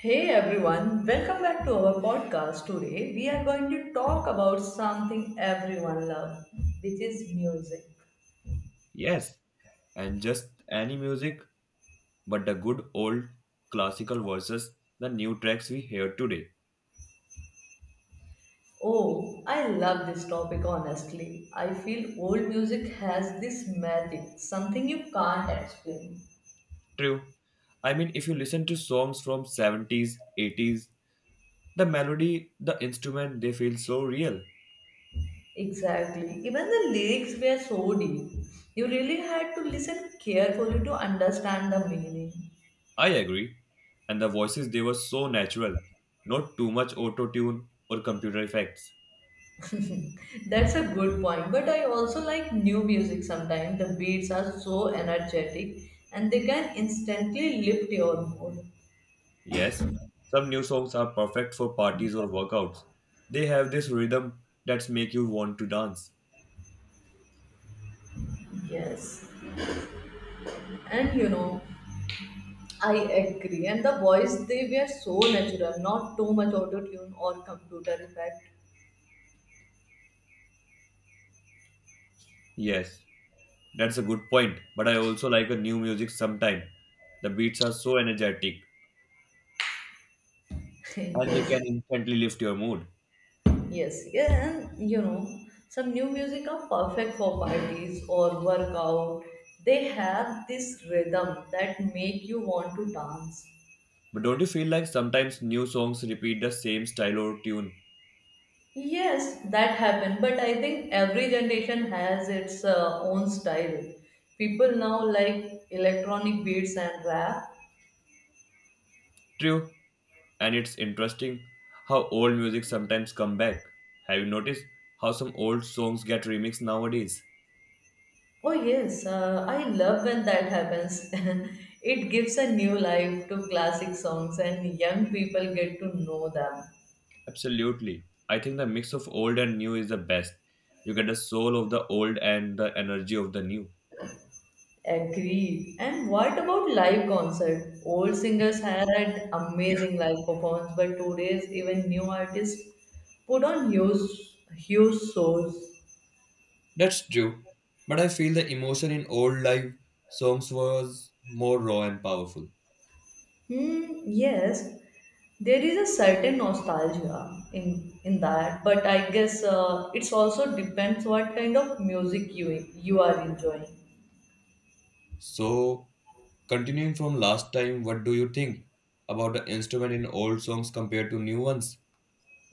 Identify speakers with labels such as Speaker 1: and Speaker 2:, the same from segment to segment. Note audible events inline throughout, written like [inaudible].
Speaker 1: Hey everyone, welcome back to our podcast. Today we are going to talk about something everyone loves, which is music.
Speaker 2: Yes, and just any music, but the good old classical versus the new tracks we hear today.
Speaker 1: Oh, I love this topic honestly. I feel old music has this magic, something you can't explain.
Speaker 2: True. I mean, if you listen to songs from 70s, 80s, the melody, the instrument, they feel so real.
Speaker 1: Exactly. Even the lyrics were so deep. You really had to listen carefully to understand the meaning.
Speaker 2: I agree. And the voices, they were so natural. Not too much auto tune or computer effects.
Speaker 1: [laughs] That's a good point. But I also like new music sometimes. The beats are so energetic and they can instantly lift your mood.
Speaker 2: Yes, some new songs are perfect for parties or workouts. They have this rhythm that's make you want to dance.
Speaker 1: Yes. And you know, I agree. And the voice, they were so natural, not too much auto tune or computer effect.
Speaker 2: Yes, that's a good point, but I also like a new music sometime. The beats are so energetic
Speaker 1: [laughs]
Speaker 2: and they
Speaker 1: Yes.
Speaker 2: can instantly lift your mood.
Speaker 1: Yes. Yeah. And you know, some new music are perfect for parties or workout. They have this rhythm that make you want to dance.
Speaker 2: But don't you feel like sometimes new songs repeat the same style or tune?
Speaker 1: Yes, that happened, but I think every generation has its own style. People now like electronic beats and rap.
Speaker 2: True, and it's interesting how old music sometimes come back. Have you noticed how some old songs get remixed nowadays?
Speaker 1: Oh, yes, I love when that happens. [laughs] It gives a new life to classic songs, and young people get to know them.
Speaker 2: Absolutely. I think the mix of old and new is the best. You get the soul of the old and the energy of the new.
Speaker 1: Agreed. And what about live concert? Old singers had an amazing live performance, but today's even new artists put on huge shows.
Speaker 2: That's true. But I feel the emotion in old live songs was more raw and powerful.
Speaker 1: Hmm, yes, there is a certain nostalgia in that, but I guess it's also depends what kind of music you are enjoying.
Speaker 2: So, continuing from last time, what do you think about the instrument in old songs compared to new ones?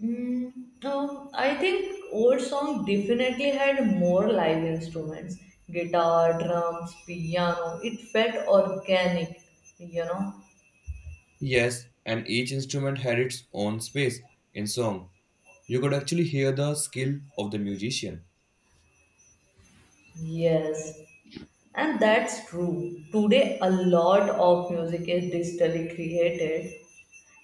Speaker 1: Mm, um, I think old song definitely had more live instruments, guitar, drums, piano. It felt organic, you know.
Speaker 2: Yes, and each instrument had its own space in song. You could actually hear the skill of the musician.
Speaker 1: Yes, and that's true. Today, a lot of music is digitally created.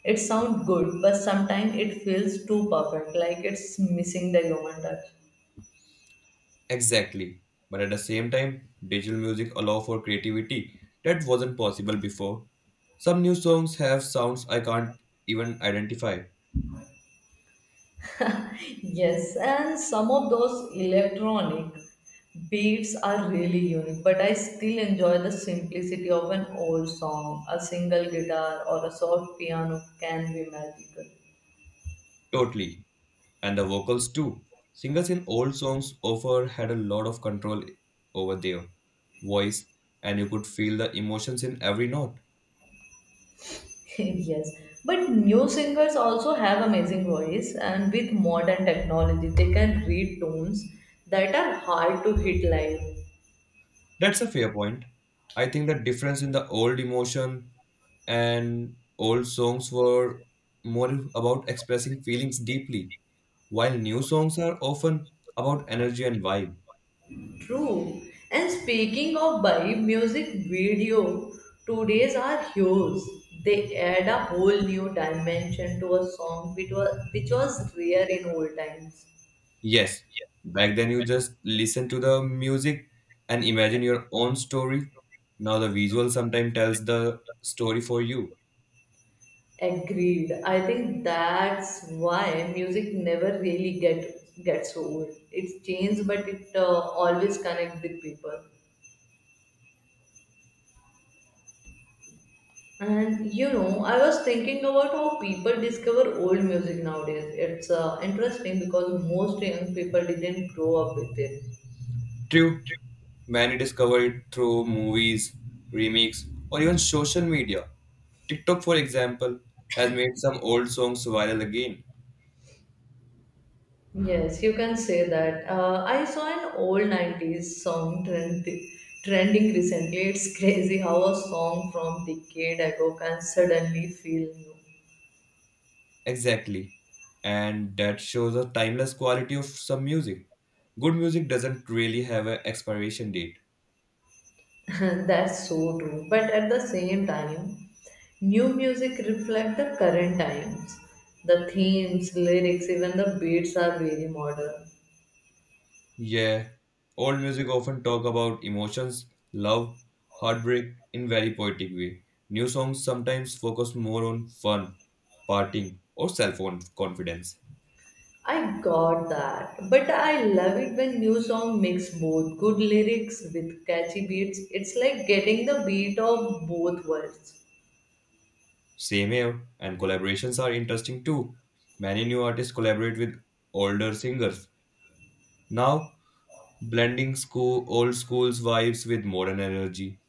Speaker 1: It sounds good, but sometimes it feels too perfect, like it's missing the human touch.
Speaker 2: Exactly. But at the same time, digital music allow for creativity that wasn't possible before. Some new songs have sounds I can't even identify.
Speaker 1: Yes, and some of those electronic beats are really unique, but I still enjoy the simplicity of an old song. A single guitar or a soft piano can be magical.
Speaker 2: Totally. And the vocals too. Singers in old songs offer had a lot of control over their voice, and you could feel the emotions in every note.
Speaker 1: [laughs] Yes, but new singers also have amazing voice, and with modern technology, they can read tones that are hard to hit live.
Speaker 2: That's a fair point. I think the difference in the old emotion and old songs were more about expressing feelings deeply, while new songs are often about energy and vibe.
Speaker 1: True. And speaking of Bai, music video today's are huge. They add a whole new dimension to a song which was rare in old times.
Speaker 2: Yes, back then you just listen to the music and imagine your own story. Now the visual sometimes tells the story for you.
Speaker 1: Agreed. I think that's why music never really gets old. It changes, but it always connect with people. And you know, I was thinking about how people discover old music nowadays. It's interesting because most young people didn't grow up with it.
Speaker 2: True, many discover it through movies, remakes, or even social media. TikTok, for example, has made some old songs viral again.
Speaker 1: Yes, you can say that. I saw an old 90s song trending recently. It's crazy how a song from decade ago can suddenly feel new.
Speaker 2: Exactly, and that shows the timeless quality of some music. Good music doesn't really have an expiration date.
Speaker 1: [laughs] That's so true. But at the same time, new music reflect the current times. The themes, lyrics, even the beats are very modern.
Speaker 2: Yeah, old music often talk about emotions, love, heartbreak in very poetic way. New songs sometimes focus more on fun, partying, or self-confidence.
Speaker 1: I got that, but I love it when new song mix both good lyrics with catchy beats. It's like getting the beat of both worlds.
Speaker 2: Same here, and collaborations are interesting too. Many new artists collaborate with older singers. Now, blending school old school's vibes with modern energy,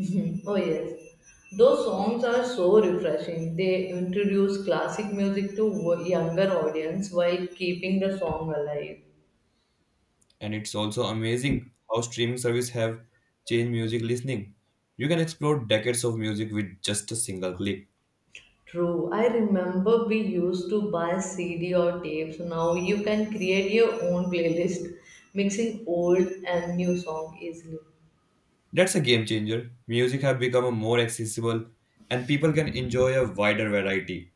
Speaker 1: Mhm. [laughs] Oh yes, those songs are so refreshing. They introduce classic music to younger audience while keeping the song alive.
Speaker 2: and it's also amazing how streaming service have changed music listening. You can explore decades of music with just a single click.
Speaker 1: True, I remember we used to buy CD or tapes. Now you can create your own playlist, mixing old and new song easily.
Speaker 2: That's a game changer. Music have become more accessible and people can enjoy a wider variety.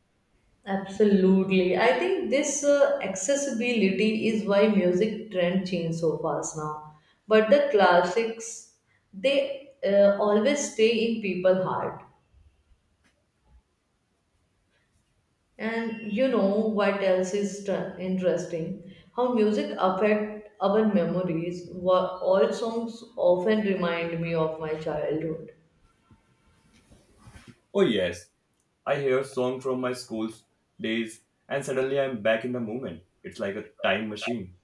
Speaker 1: Absolutely. I think this accessibility is why music trend change so fast now. But the classics, they always stay in people' heart. And you know what else is interesting? How music affect our memories. All songs often remind me of my childhood.
Speaker 2: Oh yes, I hear a song from my school's days and suddenly I'm back in the moment. It's like a time machine.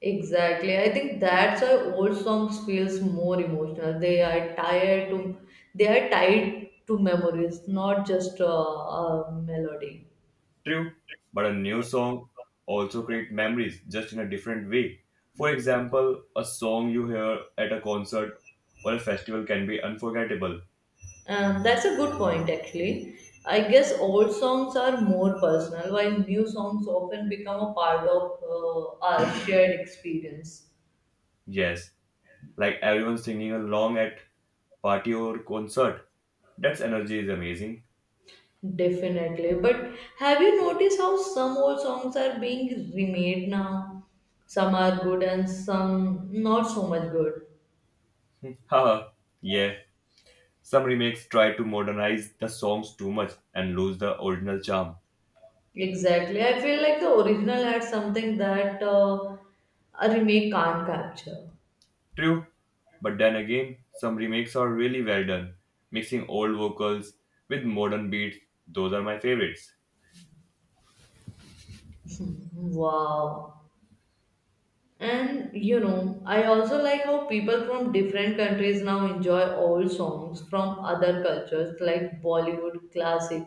Speaker 1: Exactly. I think that's why old songs feels more emotional. They are tied to memories, not just a melody.
Speaker 2: True, but a new song also create memories just in a different way. For example, a song you hear at a concert or a festival can be unforgettable.
Speaker 1: That's a good point, actually. I guess old songs are more personal, while new songs often become a part of our shared experience.
Speaker 2: Yes, like everyone singing along at party or concert. That's energy is amazing.
Speaker 1: Definitely. But have you noticed how some old songs are being remade now? Some are good and some not so much good.
Speaker 2: Haha, yeah. Some remakes try to modernize the songs too much and lose the original charm.
Speaker 1: Exactly. I feel like the original had something that a remake can't capture.
Speaker 2: True, but then again, some remakes are really well done, mixing old vocals with modern beats. Those are my favorites.
Speaker 1: [laughs] Wow. And you know, I also like how people from different countries now enjoy old songs from other cultures like Bollywood classic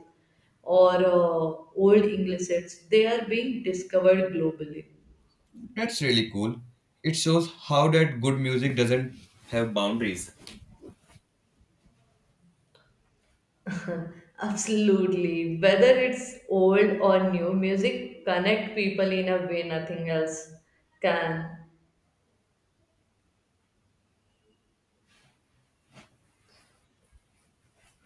Speaker 1: or old English hits. They are being discovered globally.
Speaker 2: That's really cool. It shows how that good music doesn't have boundaries.
Speaker 1: [laughs] Absolutely. Whether it's old or new, music connect people in a way nothing else can.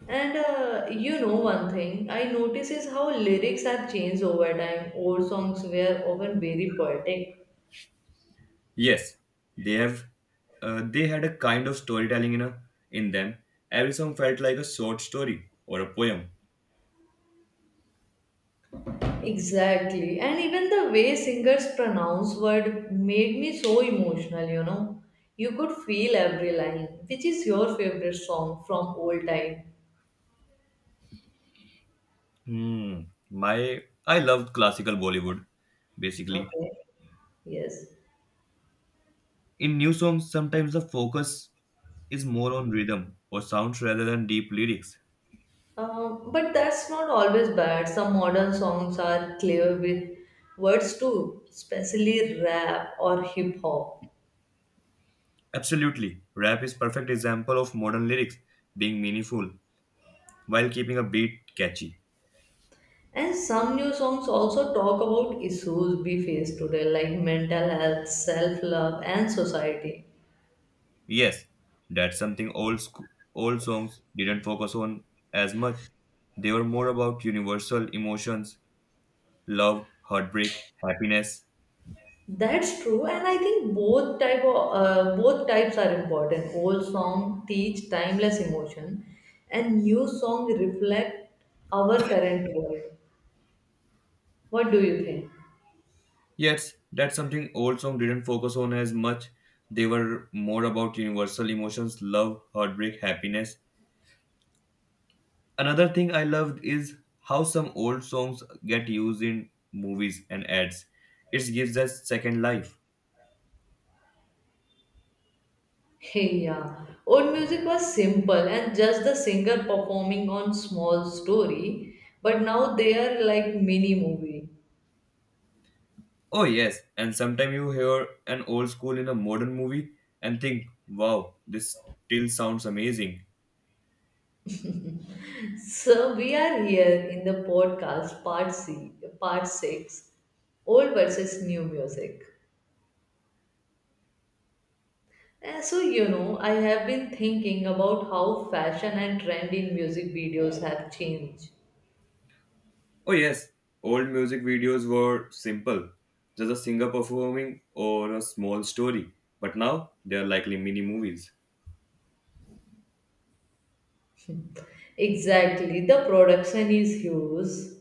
Speaker 1: And you know one thing I notice is how lyrics have changed over time. Old songs were often very poetic.
Speaker 2: Yes, they have. They had a kind of storytelling in them. Every song felt like a short story or a poem.
Speaker 1: Exactly. And even the way singers pronounce word made me so emotional, you know. You could feel every line. Which is your favorite song from old time?
Speaker 2: Hmm. My I love classical Bollywood, basically.
Speaker 1: Okay. Yes.
Speaker 2: In new songs, sometimes the focus is more on rhythm or sounds rather than deep lyrics.
Speaker 1: But that's not always bad. Some modern songs are clear with words too, especially rap or hip hop.
Speaker 2: Absolutely. Rap is perfect example of modern lyrics being meaningful while keeping a beat catchy.
Speaker 1: And some new songs also talk about issues we face today, like mental health, self-love, and society.
Speaker 2: Yes, that's something old songs didn't focus on as much. They were more about universal emotions, love, heartbreak, happiness.
Speaker 1: That's true, and I think both types are important. Old song teach timeless emotion, and new song reflect our current world. What do you think?
Speaker 2: Yes, that's something old song didn't focus on as much. They were more about universal emotions, love, heartbreak, happiness. Another thing I loved is how some old songs get used in movies and ads. It gives us second life.
Speaker 1: Hey, yeah, old music was simple and just the singer performing on small story, but now they are like mini movie.
Speaker 2: Oh yes, and sometimes you hear an old school in a modern movie and think, wow, this still sounds amazing.
Speaker 1: So we are here in the podcast part C, part six, old versus new music. And so you know, I have been thinking about how fashion and trend in music videos have changed.
Speaker 2: Oh, yes, old music videos were simple, just a singer performing or a small story, but now they are likely mini movies.
Speaker 1: Exactly, the production is huge.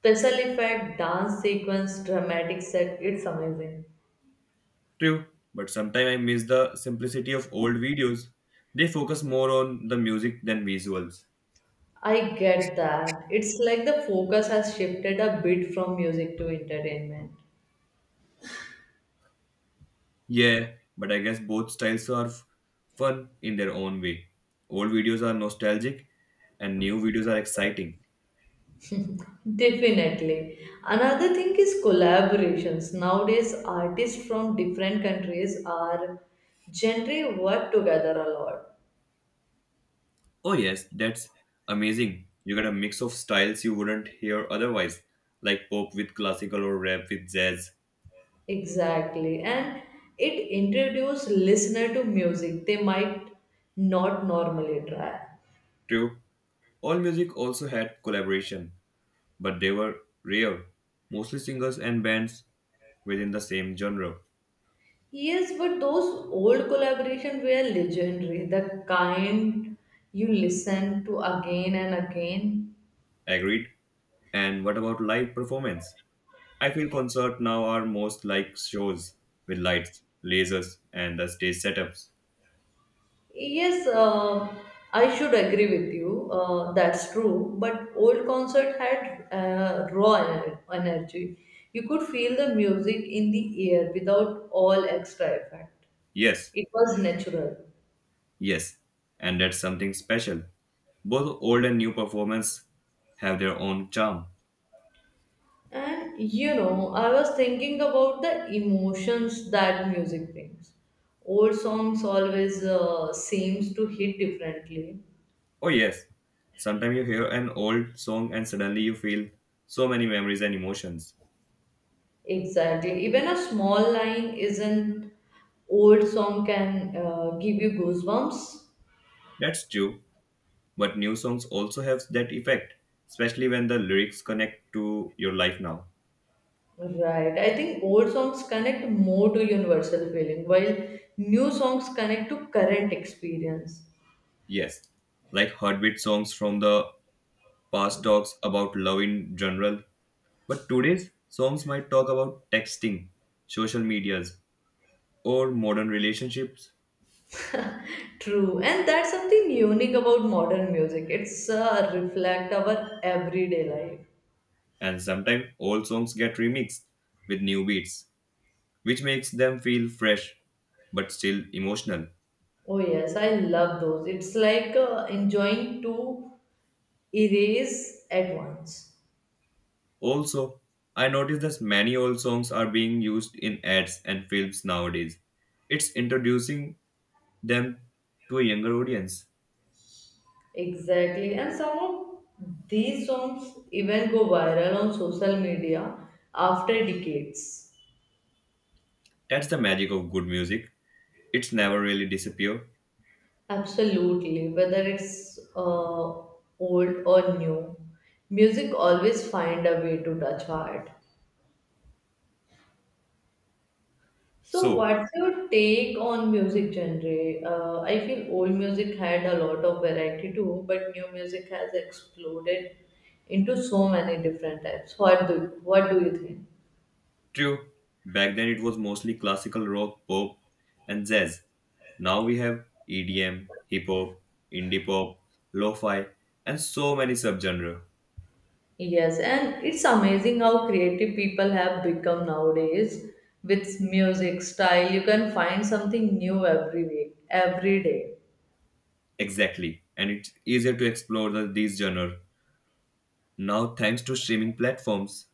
Speaker 1: Special effect, dance sequence, dramatic set, it's amazing.
Speaker 2: True, but sometimes I miss the simplicity of old videos. They focus more on the music than visuals.
Speaker 1: I get that. It's like the focus has shifted a bit from music to entertainment.
Speaker 2: Yeah, but I guess both styles are fun in their own way. Old videos are nostalgic, and new videos are exciting.
Speaker 1: Definitely. Another thing is collaborations. Nowadays, artists from different countries are generally work together a lot.
Speaker 2: Oh yes, that's amazing. You got a mix of styles you wouldn't hear otherwise, like pop with classical or rap with jazz.
Speaker 1: Exactly. And it introduces listener to music they might not normally try.
Speaker 2: True. All music also had collaboration, but they were rare, mostly singers and bands within the same genre.
Speaker 1: Yes, but those old collaboration were legendary. The kind you listen to again and again.
Speaker 2: Agreed? And what about live performance? I feel concerts now are most like shows with lights, lasers, and the stage setups.
Speaker 1: Yes, I should agree with you. That's true. But old concert had raw energy. You could feel the music in the air without all extra effect.
Speaker 2: Yes,
Speaker 1: It was natural.
Speaker 2: yes, and that's something special. Both old and new performance have their own charm.
Speaker 1: And you know, I was thinking about the emotions that music brings. Old songs always seems to hit differently.
Speaker 2: Oh yes, sometimes you hear an old song and suddenly you feel so many memories and emotions.
Speaker 1: Exactly. Even a small line is an old song can give you goosebumps.
Speaker 2: That's true, but new songs also have that effect, especially when the lyrics connect to your life now.
Speaker 1: Right. I think old songs connect more to universal feeling, while new songs connect to current experience.
Speaker 2: Yes, like heartbeat songs from the past talks about love in general, but today's songs might talk about texting, social medias, or modern relationships.
Speaker 1: True. And that's something unique about modern music. It's reflect our everyday life.
Speaker 2: And sometimes old songs get remixed with new beats, which makes them feel fresh but still emotional.
Speaker 1: Oh yes, I love those. It's like enjoying to erase at once.
Speaker 2: Also, I noticed that many old songs are being used in ads and films nowadays. It's introducing them to a younger audience.
Speaker 1: Exactly, and some of these songs even go viral on social media after decades.
Speaker 2: That's the magic of good music. It's never really disappear.
Speaker 1: Absolutely, whether it's old or new, music always find a way to touch heart. So,
Speaker 2: So,
Speaker 1: what's your take on music genre? I feel old music had a lot of variety too, but new music has exploded into so many different types. What do you think?
Speaker 2: true. Back then it was mostly classical rock, pop, and jazz. Now we have EDM, hip hop, indie pop, lo-fi, and so many subgenres.
Speaker 1: Yes, and it's amazing how creative people have become nowadays with music style. You can find something new every week, every day.
Speaker 2: Exactly. And it's easier to explore these genres now thanks to streaming platforms.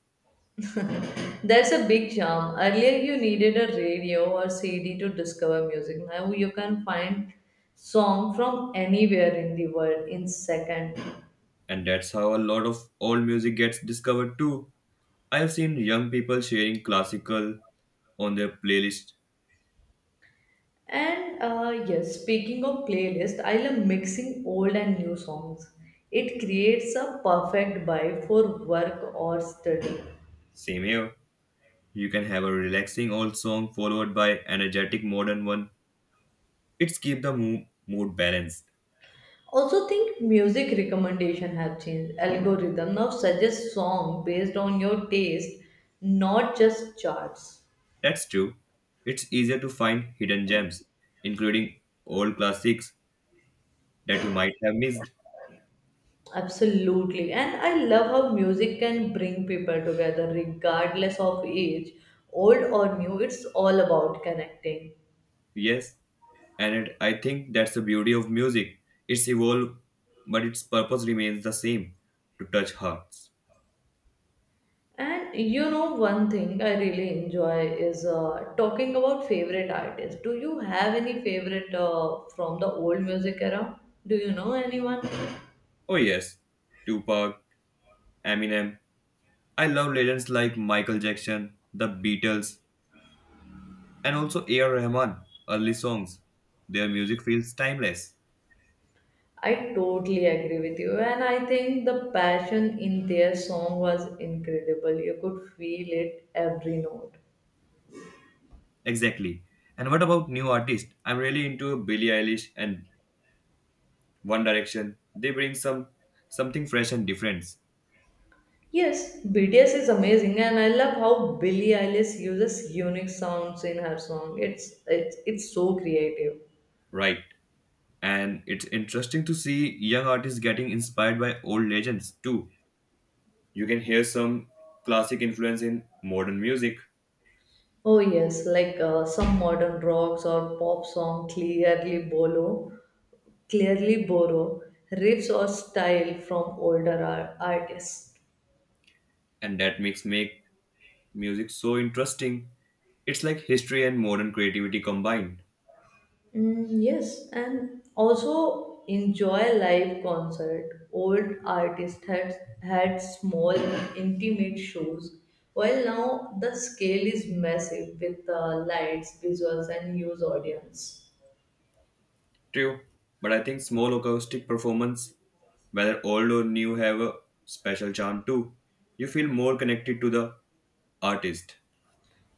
Speaker 1: That's a big charm. Earlier, you needed a radio or CD to discover music. Now you can find song from anywhere in the world in second.
Speaker 2: And that's how a lot of old music gets discovered too. I have seen young people sharing classical on their playlist.
Speaker 1: And yes, speaking of playlist, I love mixing old and new songs. It creates a perfect vibe for work or study.
Speaker 2: Same here. You can have a relaxing old song followed by energetic modern one. It's keep the mood balanced.
Speaker 1: Also think music recommendation have changed. Algorithm now suggests song based on your taste, not just charts.
Speaker 2: That's true. It's easier to find hidden gems, including old classics that you might have missed.
Speaker 1: Absolutely. And I love how music can bring people together regardless of age, old or new. It's all about connecting.
Speaker 2: Yes, and I think that's the beauty of music. It's evolved, but its purpose remains the same: to touch hearts.
Speaker 1: And you know, one thing I really enjoy is talking about favorite artists. Do you have any favorite from the old music era? Do you know anyone?
Speaker 2: Oh yes, Tupac, Eminem. I love legends like Michael Jackson, The Beatles, and also A.R. Rahman. Early songs. Their music feels timeless.
Speaker 1: I totally agree with you, and I think the passion in their song was incredible. You could feel it every note.
Speaker 2: Exactly. And what about new artists? I'm really into Billie Eilish and One Direction. They bring something fresh and different,
Speaker 1: Yes, BTS is amazing, and I love how Billie Eilish uses unique sounds in her song. It's so creative.
Speaker 2: right? And it's interesting to see young artists getting inspired by old legends too. You can hear some classic influence in modern music,
Speaker 1: Oh yes, like some modern rocks or pop song clearly borrow riffs or style from older artists.
Speaker 2: and that makes make music so interesting. It's like history and modern creativity combined.
Speaker 1: Yes, and also enjoy live concert. Old artists had small, intimate shows, while now the scale is massive with lights, visuals, and huge audience.
Speaker 2: True, but I think small acoustic performance, whether old or new, have a special charm too. You feel more connected to the artist.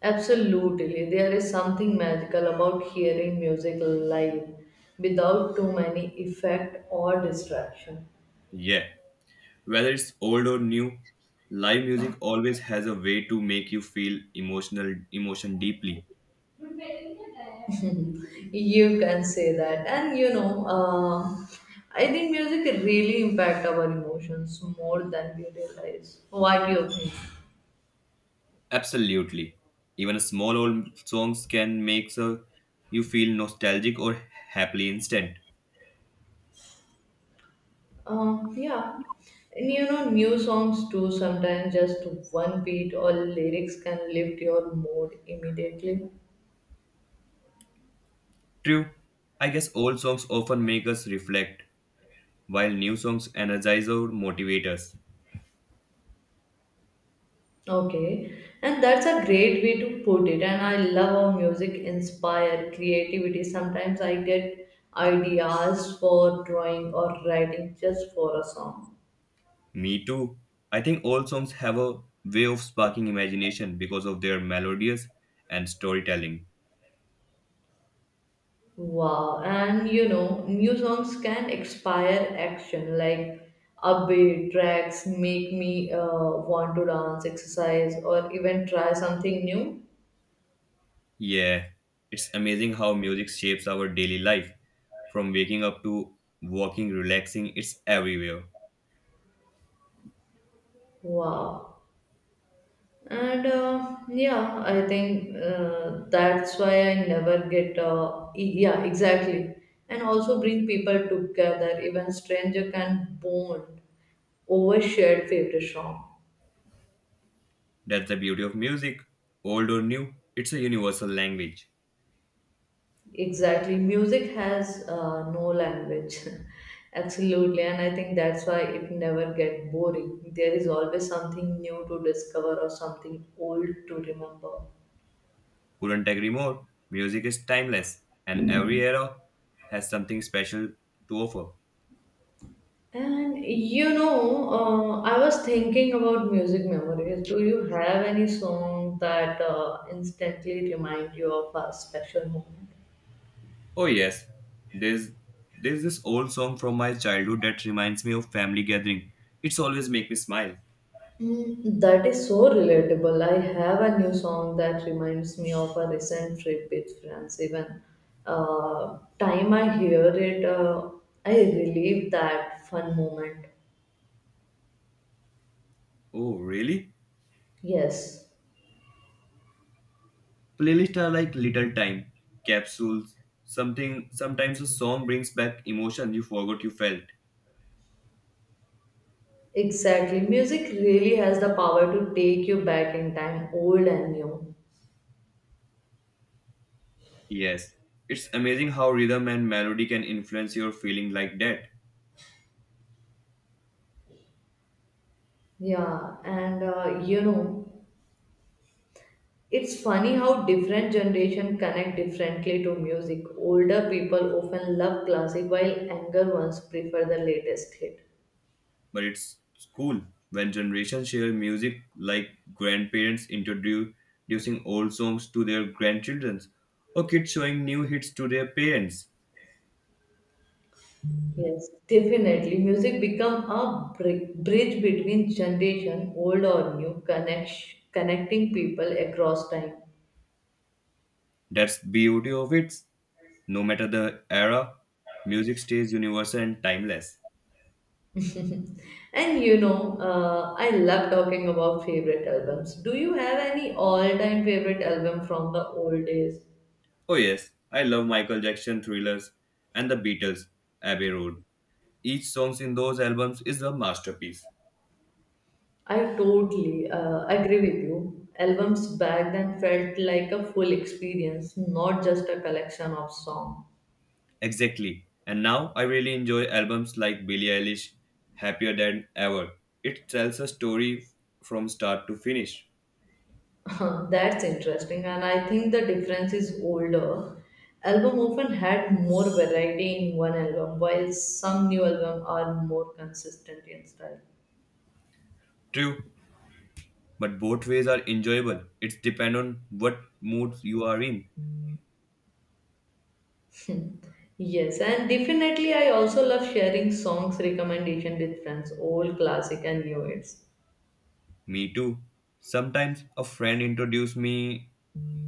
Speaker 1: Absolutely, there is something magical about hearing music live without too many effect or distraction.
Speaker 2: Yeah, whether it's old or new, live music always has a way to make you feel emotion deeply.
Speaker 1: You can say that. And you know, I think music really impact our emotions more than we realize. What do you think?
Speaker 2: Absolutely. Even a small old songs can make so you feel nostalgic or happily instant.
Speaker 1: Yeah. And you know, new songs too, sometimes just one beat or lyrics can lift your mood immediately.
Speaker 2: True. I guess old songs often make us reflect, while new songs energize or motivate us.
Speaker 1: Okay. And that's a great way to put it. And I love how music inspire creativity. Sometimes I get ideas for drawing or writing just for a song.
Speaker 2: Me too. I think old songs have a way of sparking imagination because of their melodies and storytelling.
Speaker 1: Wow, and you know, new songs can expire action like upbeat tracks make me want to dance, exercise, or even try something new.
Speaker 2: Yeah, it's amazing how music shapes our daily life. From waking up to walking, relaxing, it's everywhere.
Speaker 1: Wow, and yeah, I think that's why I never get, yeah, exactly, and also bring people together, even stranger can bond over shared favorite song.
Speaker 2: That's the beauty of music. Old or new, it's a universal language.
Speaker 1: Exactly. Music has no language. [laughs] Absolutely. And I think that's why it never gets boring. There is always something new to discover or something old to remember.
Speaker 2: Couldn't agree more. Music is timeless, and every era has something special to offer.
Speaker 1: I was thinking about music memories. Do you have any song that instantly remind you of a special moment?
Speaker 2: Oh yes, there's there's this old song from my childhood that reminds me of family gathering. It's always make me smile.
Speaker 1: Mm, that is so relatable. I have a new song that reminds me of a recent trip with friends. Even time I hear it, I relive that fun moment.
Speaker 2: Oh really?
Speaker 1: Yes,
Speaker 2: Playlists are like little time capsules. Something Sometimes a song brings back emotion you forgot you felt.
Speaker 1: exactly. Music really has the power to take you back in time, old and new.
Speaker 2: Yes, it's amazing how rhythm and melody can influence your feeling like that.
Speaker 1: Yeah, it's funny how different generation connect differently to music. Older people often love classic, while younger ones prefer the latest hit.
Speaker 2: But it's cool when generations share music like grandparents introducing old songs to their grandchildren or kids showing new hits to their parents.
Speaker 1: Yes, definitely. Music become a bridge between generation, old or new, connecting people across time.
Speaker 2: That's beauty of it. No matter the era, music stays universal and timeless.
Speaker 1: [laughs] I love talking about favorite albums. Do you have any all-time favorite album from the old days?
Speaker 2: Oh yes, I love Michael Jackson thrillers and the Beatles, Abbey Road. Each song in those albums is a masterpiece.
Speaker 1: I totally agree with you. Albums back then felt like a full experience, not just a collection of songs.
Speaker 2: Exactly. And now I really enjoy albums like Billie Eilish, Happier Than Ever. It tells a story from start to finish.
Speaker 1: [laughs] That's interesting, and I think the difference is older. Album often had more variety in one album, while some new album are more consistent in style. [laughs]
Speaker 2: True, but both ways are enjoyable. It depends on what mood you are in.
Speaker 1: Hmm. Yes, and definitely I also love sharing songs recommendation with friends, old classic and new hits.
Speaker 2: Me too. Sometimes a friend introduced me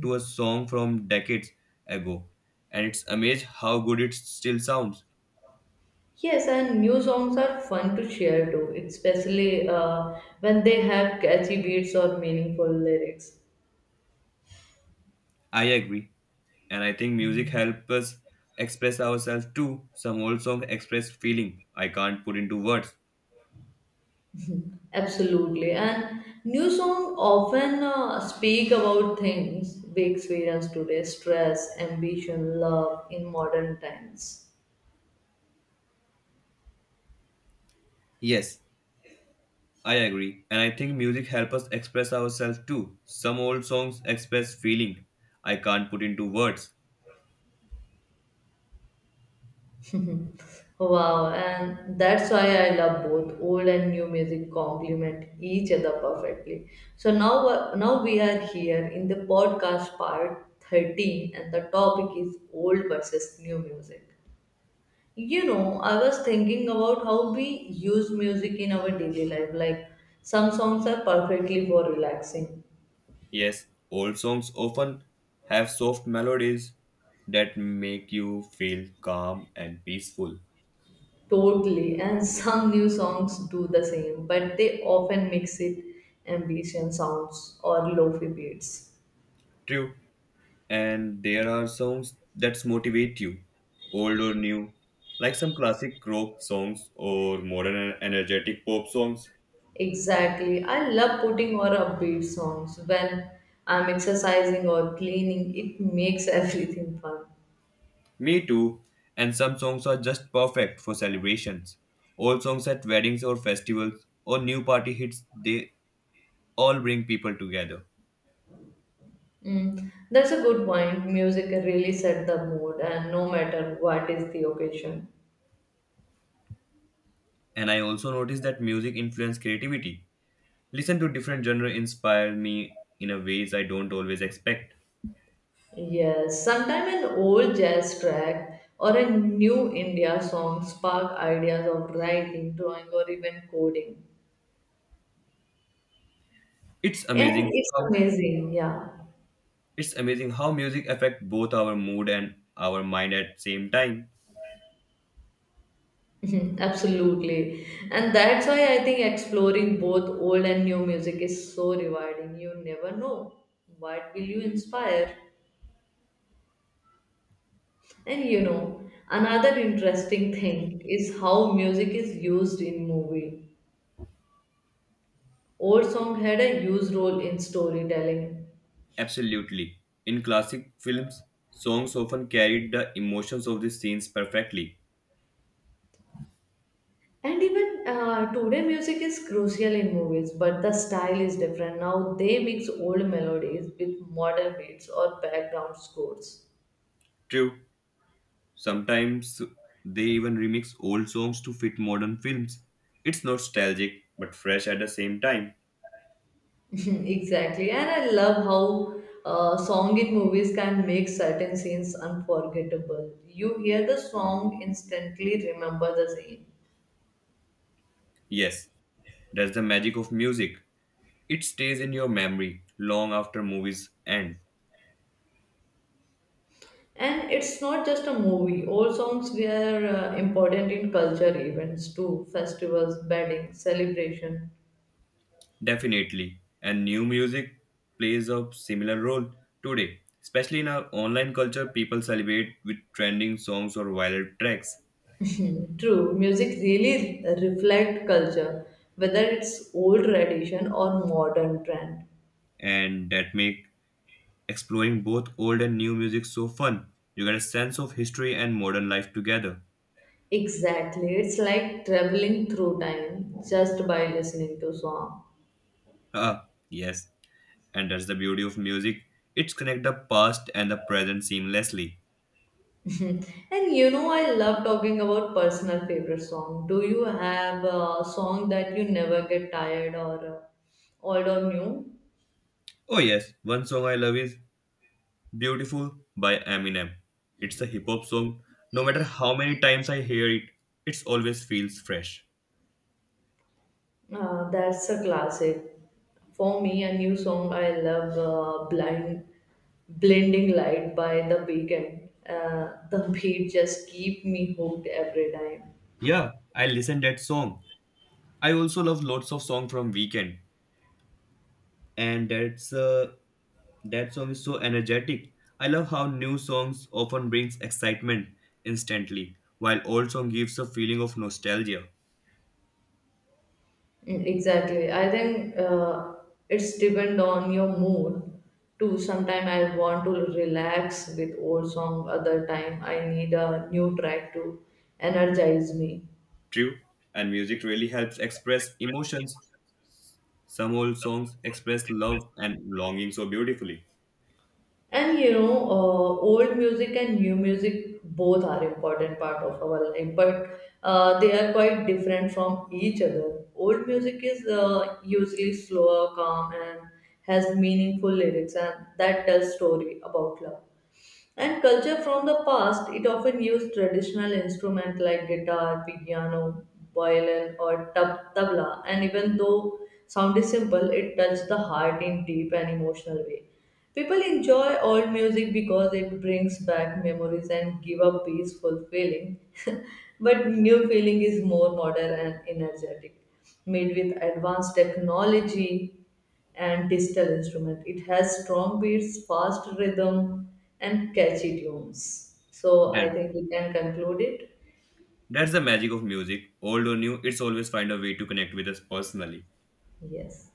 Speaker 2: to a song from decades ago, and it's amazed how good it still sounds.
Speaker 1: Yes, and new songs are fun to share too, especially when they have catchy beats or meaningful lyrics.
Speaker 2: I agree, and I think music helps us express ourselves too. Some old songs express feeling I can't put into words.
Speaker 1: Absolutely. And new song often speak about things we experience today, stress, ambition, love in modern times.
Speaker 2: Yes, I agree, and I think music helps us express ourselves too. Some old songs express feeling I can't put into words.
Speaker 1: [laughs] Wow. And that's why I love both old and new music complement each other perfectly. So now we are here in the podcast part 13 and the topic is old versus new music. You know, I was thinking about how we use music in our daily life. Like, some songs are perfectly for relaxing,
Speaker 2: Yes, old songs often have soft melodies that make you feel calm and peaceful.
Speaker 1: totally, and [laughs] some new songs do the same, but they often mix it ambient sounds or lofi beats.
Speaker 2: True, and there are songs that motivate you, old or new, like some classic rock songs or modern and energetic pop songs.
Speaker 1: Exactly. I love putting on upbeat songs when I'm exercising or cleaning. It makes [laughs] everything fun.
Speaker 2: Me too, and some songs are just perfect for celebrations. Old songs at weddings or festivals or new party hits, they all bring people together.
Speaker 1: Mm, that's a good point. Music really set the mood, and no matter what is the occasion.
Speaker 2: And I also noticed that music influences creativity. Listen to different genres inspire me in a ways I don't always expect.
Speaker 1: Yes, sometimes an old jazz track or a new India song spark ideas of writing, drawing, or even coding.
Speaker 2: It's
Speaker 1: And
Speaker 2: amazing
Speaker 1: it's
Speaker 2: how
Speaker 1: amazing, yeah. [laughs]
Speaker 2: It's amazing how music affects both our mood and our mind at same time.
Speaker 1: Mhm, absolutely. And that's why I think exploring both old and new music is so rewarding. You never know what will you inspire. And you know, another interesting thing is how music is used in movie. Old song had a huge role in storytelling.
Speaker 2: Absolutely. In classic films, songs often carried the emotions of the scenes perfectly.
Speaker 1: And even today, music is crucial in movies, but the style is different. Now they mix old melodies with modern beats or background scores.
Speaker 2: True. Sometimes they even remix old songs to fit modern films. It's nostalgic but fresh at the same time.
Speaker 1: [laughs] Exactly. And I love how song in movies can make certain scenes unforgettable. You hear the song, instantly remember the scene.
Speaker 2: Yes, that's the magic of music. It stays in your memory long after movies end.
Speaker 1: And it's not just a movie, all songs were important in culture events too festivals, weddings, celebration.
Speaker 2: Definitely. And new music plays a similar role today. Especially in our online culture, people celebrate with trending songs or viral tracks,
Speaker 1: True, music really reflect culture, whether it's old tradition or modern trend.
Speaker 2: and that make exploring both old and new music so fun. You get a sense of history and modern life together.
Speaker 1: Exactly, it's like traveling through time just by listening to song.
Speaker 2: Ah, yes. And that's the beauty of music. It's connect the past and the present seamlessly.
Speaker 1: [laughs] And you know, I love talking about personal favorite song. Do you have a song that you never get tired or old or new?
Speaker 2: Oh yes, one song I love is Beautiful by Eminem. It's a hip hop song. No matter how many times I hear it, it always feels fresh.
Speaker 1: That's a classic. For me, a new song I love Blinding Light by The Weeknd. The beat just keep me hooked every time.
Speaker 2: Yeah, I listen that song. I also love lots of song from Weekend, and that song is so energetic. I love how new songs often brings excitement instantly, while old song gives a feeling of nostalgia.
Speaker 1: Mm, exactly. I think it's depend on your mood too. Sometime I want to relax with old song, other time I need a new track to energize me.
Speaker 2: True, and music really helps express emotions. Some old songs express love and longing so beautifully.
Speaker 1: Old music and new music both are important part of our life, but they are quite different from each other. Old music is usually slower, calm, and has meaningful lyrics, and that tells story about love. And culture from the past, it often used traditional instruments like guitar, piano, violin, or tabla. And even though sound is simple, it touched the heart in deep and emotional way. People enjoy old music because it brings back memories and give a peaceful feeling. [laughs] But new feeling is more modern and energetic, made with advanced technology and digital instrument. It has strong beats, fast rhythm, and catchy tunes. So I think we can conclude it.
Speaker 2: That's the magic of music. Old or new, it's always find a way to connect with us personally.
Speaker 1: Yes.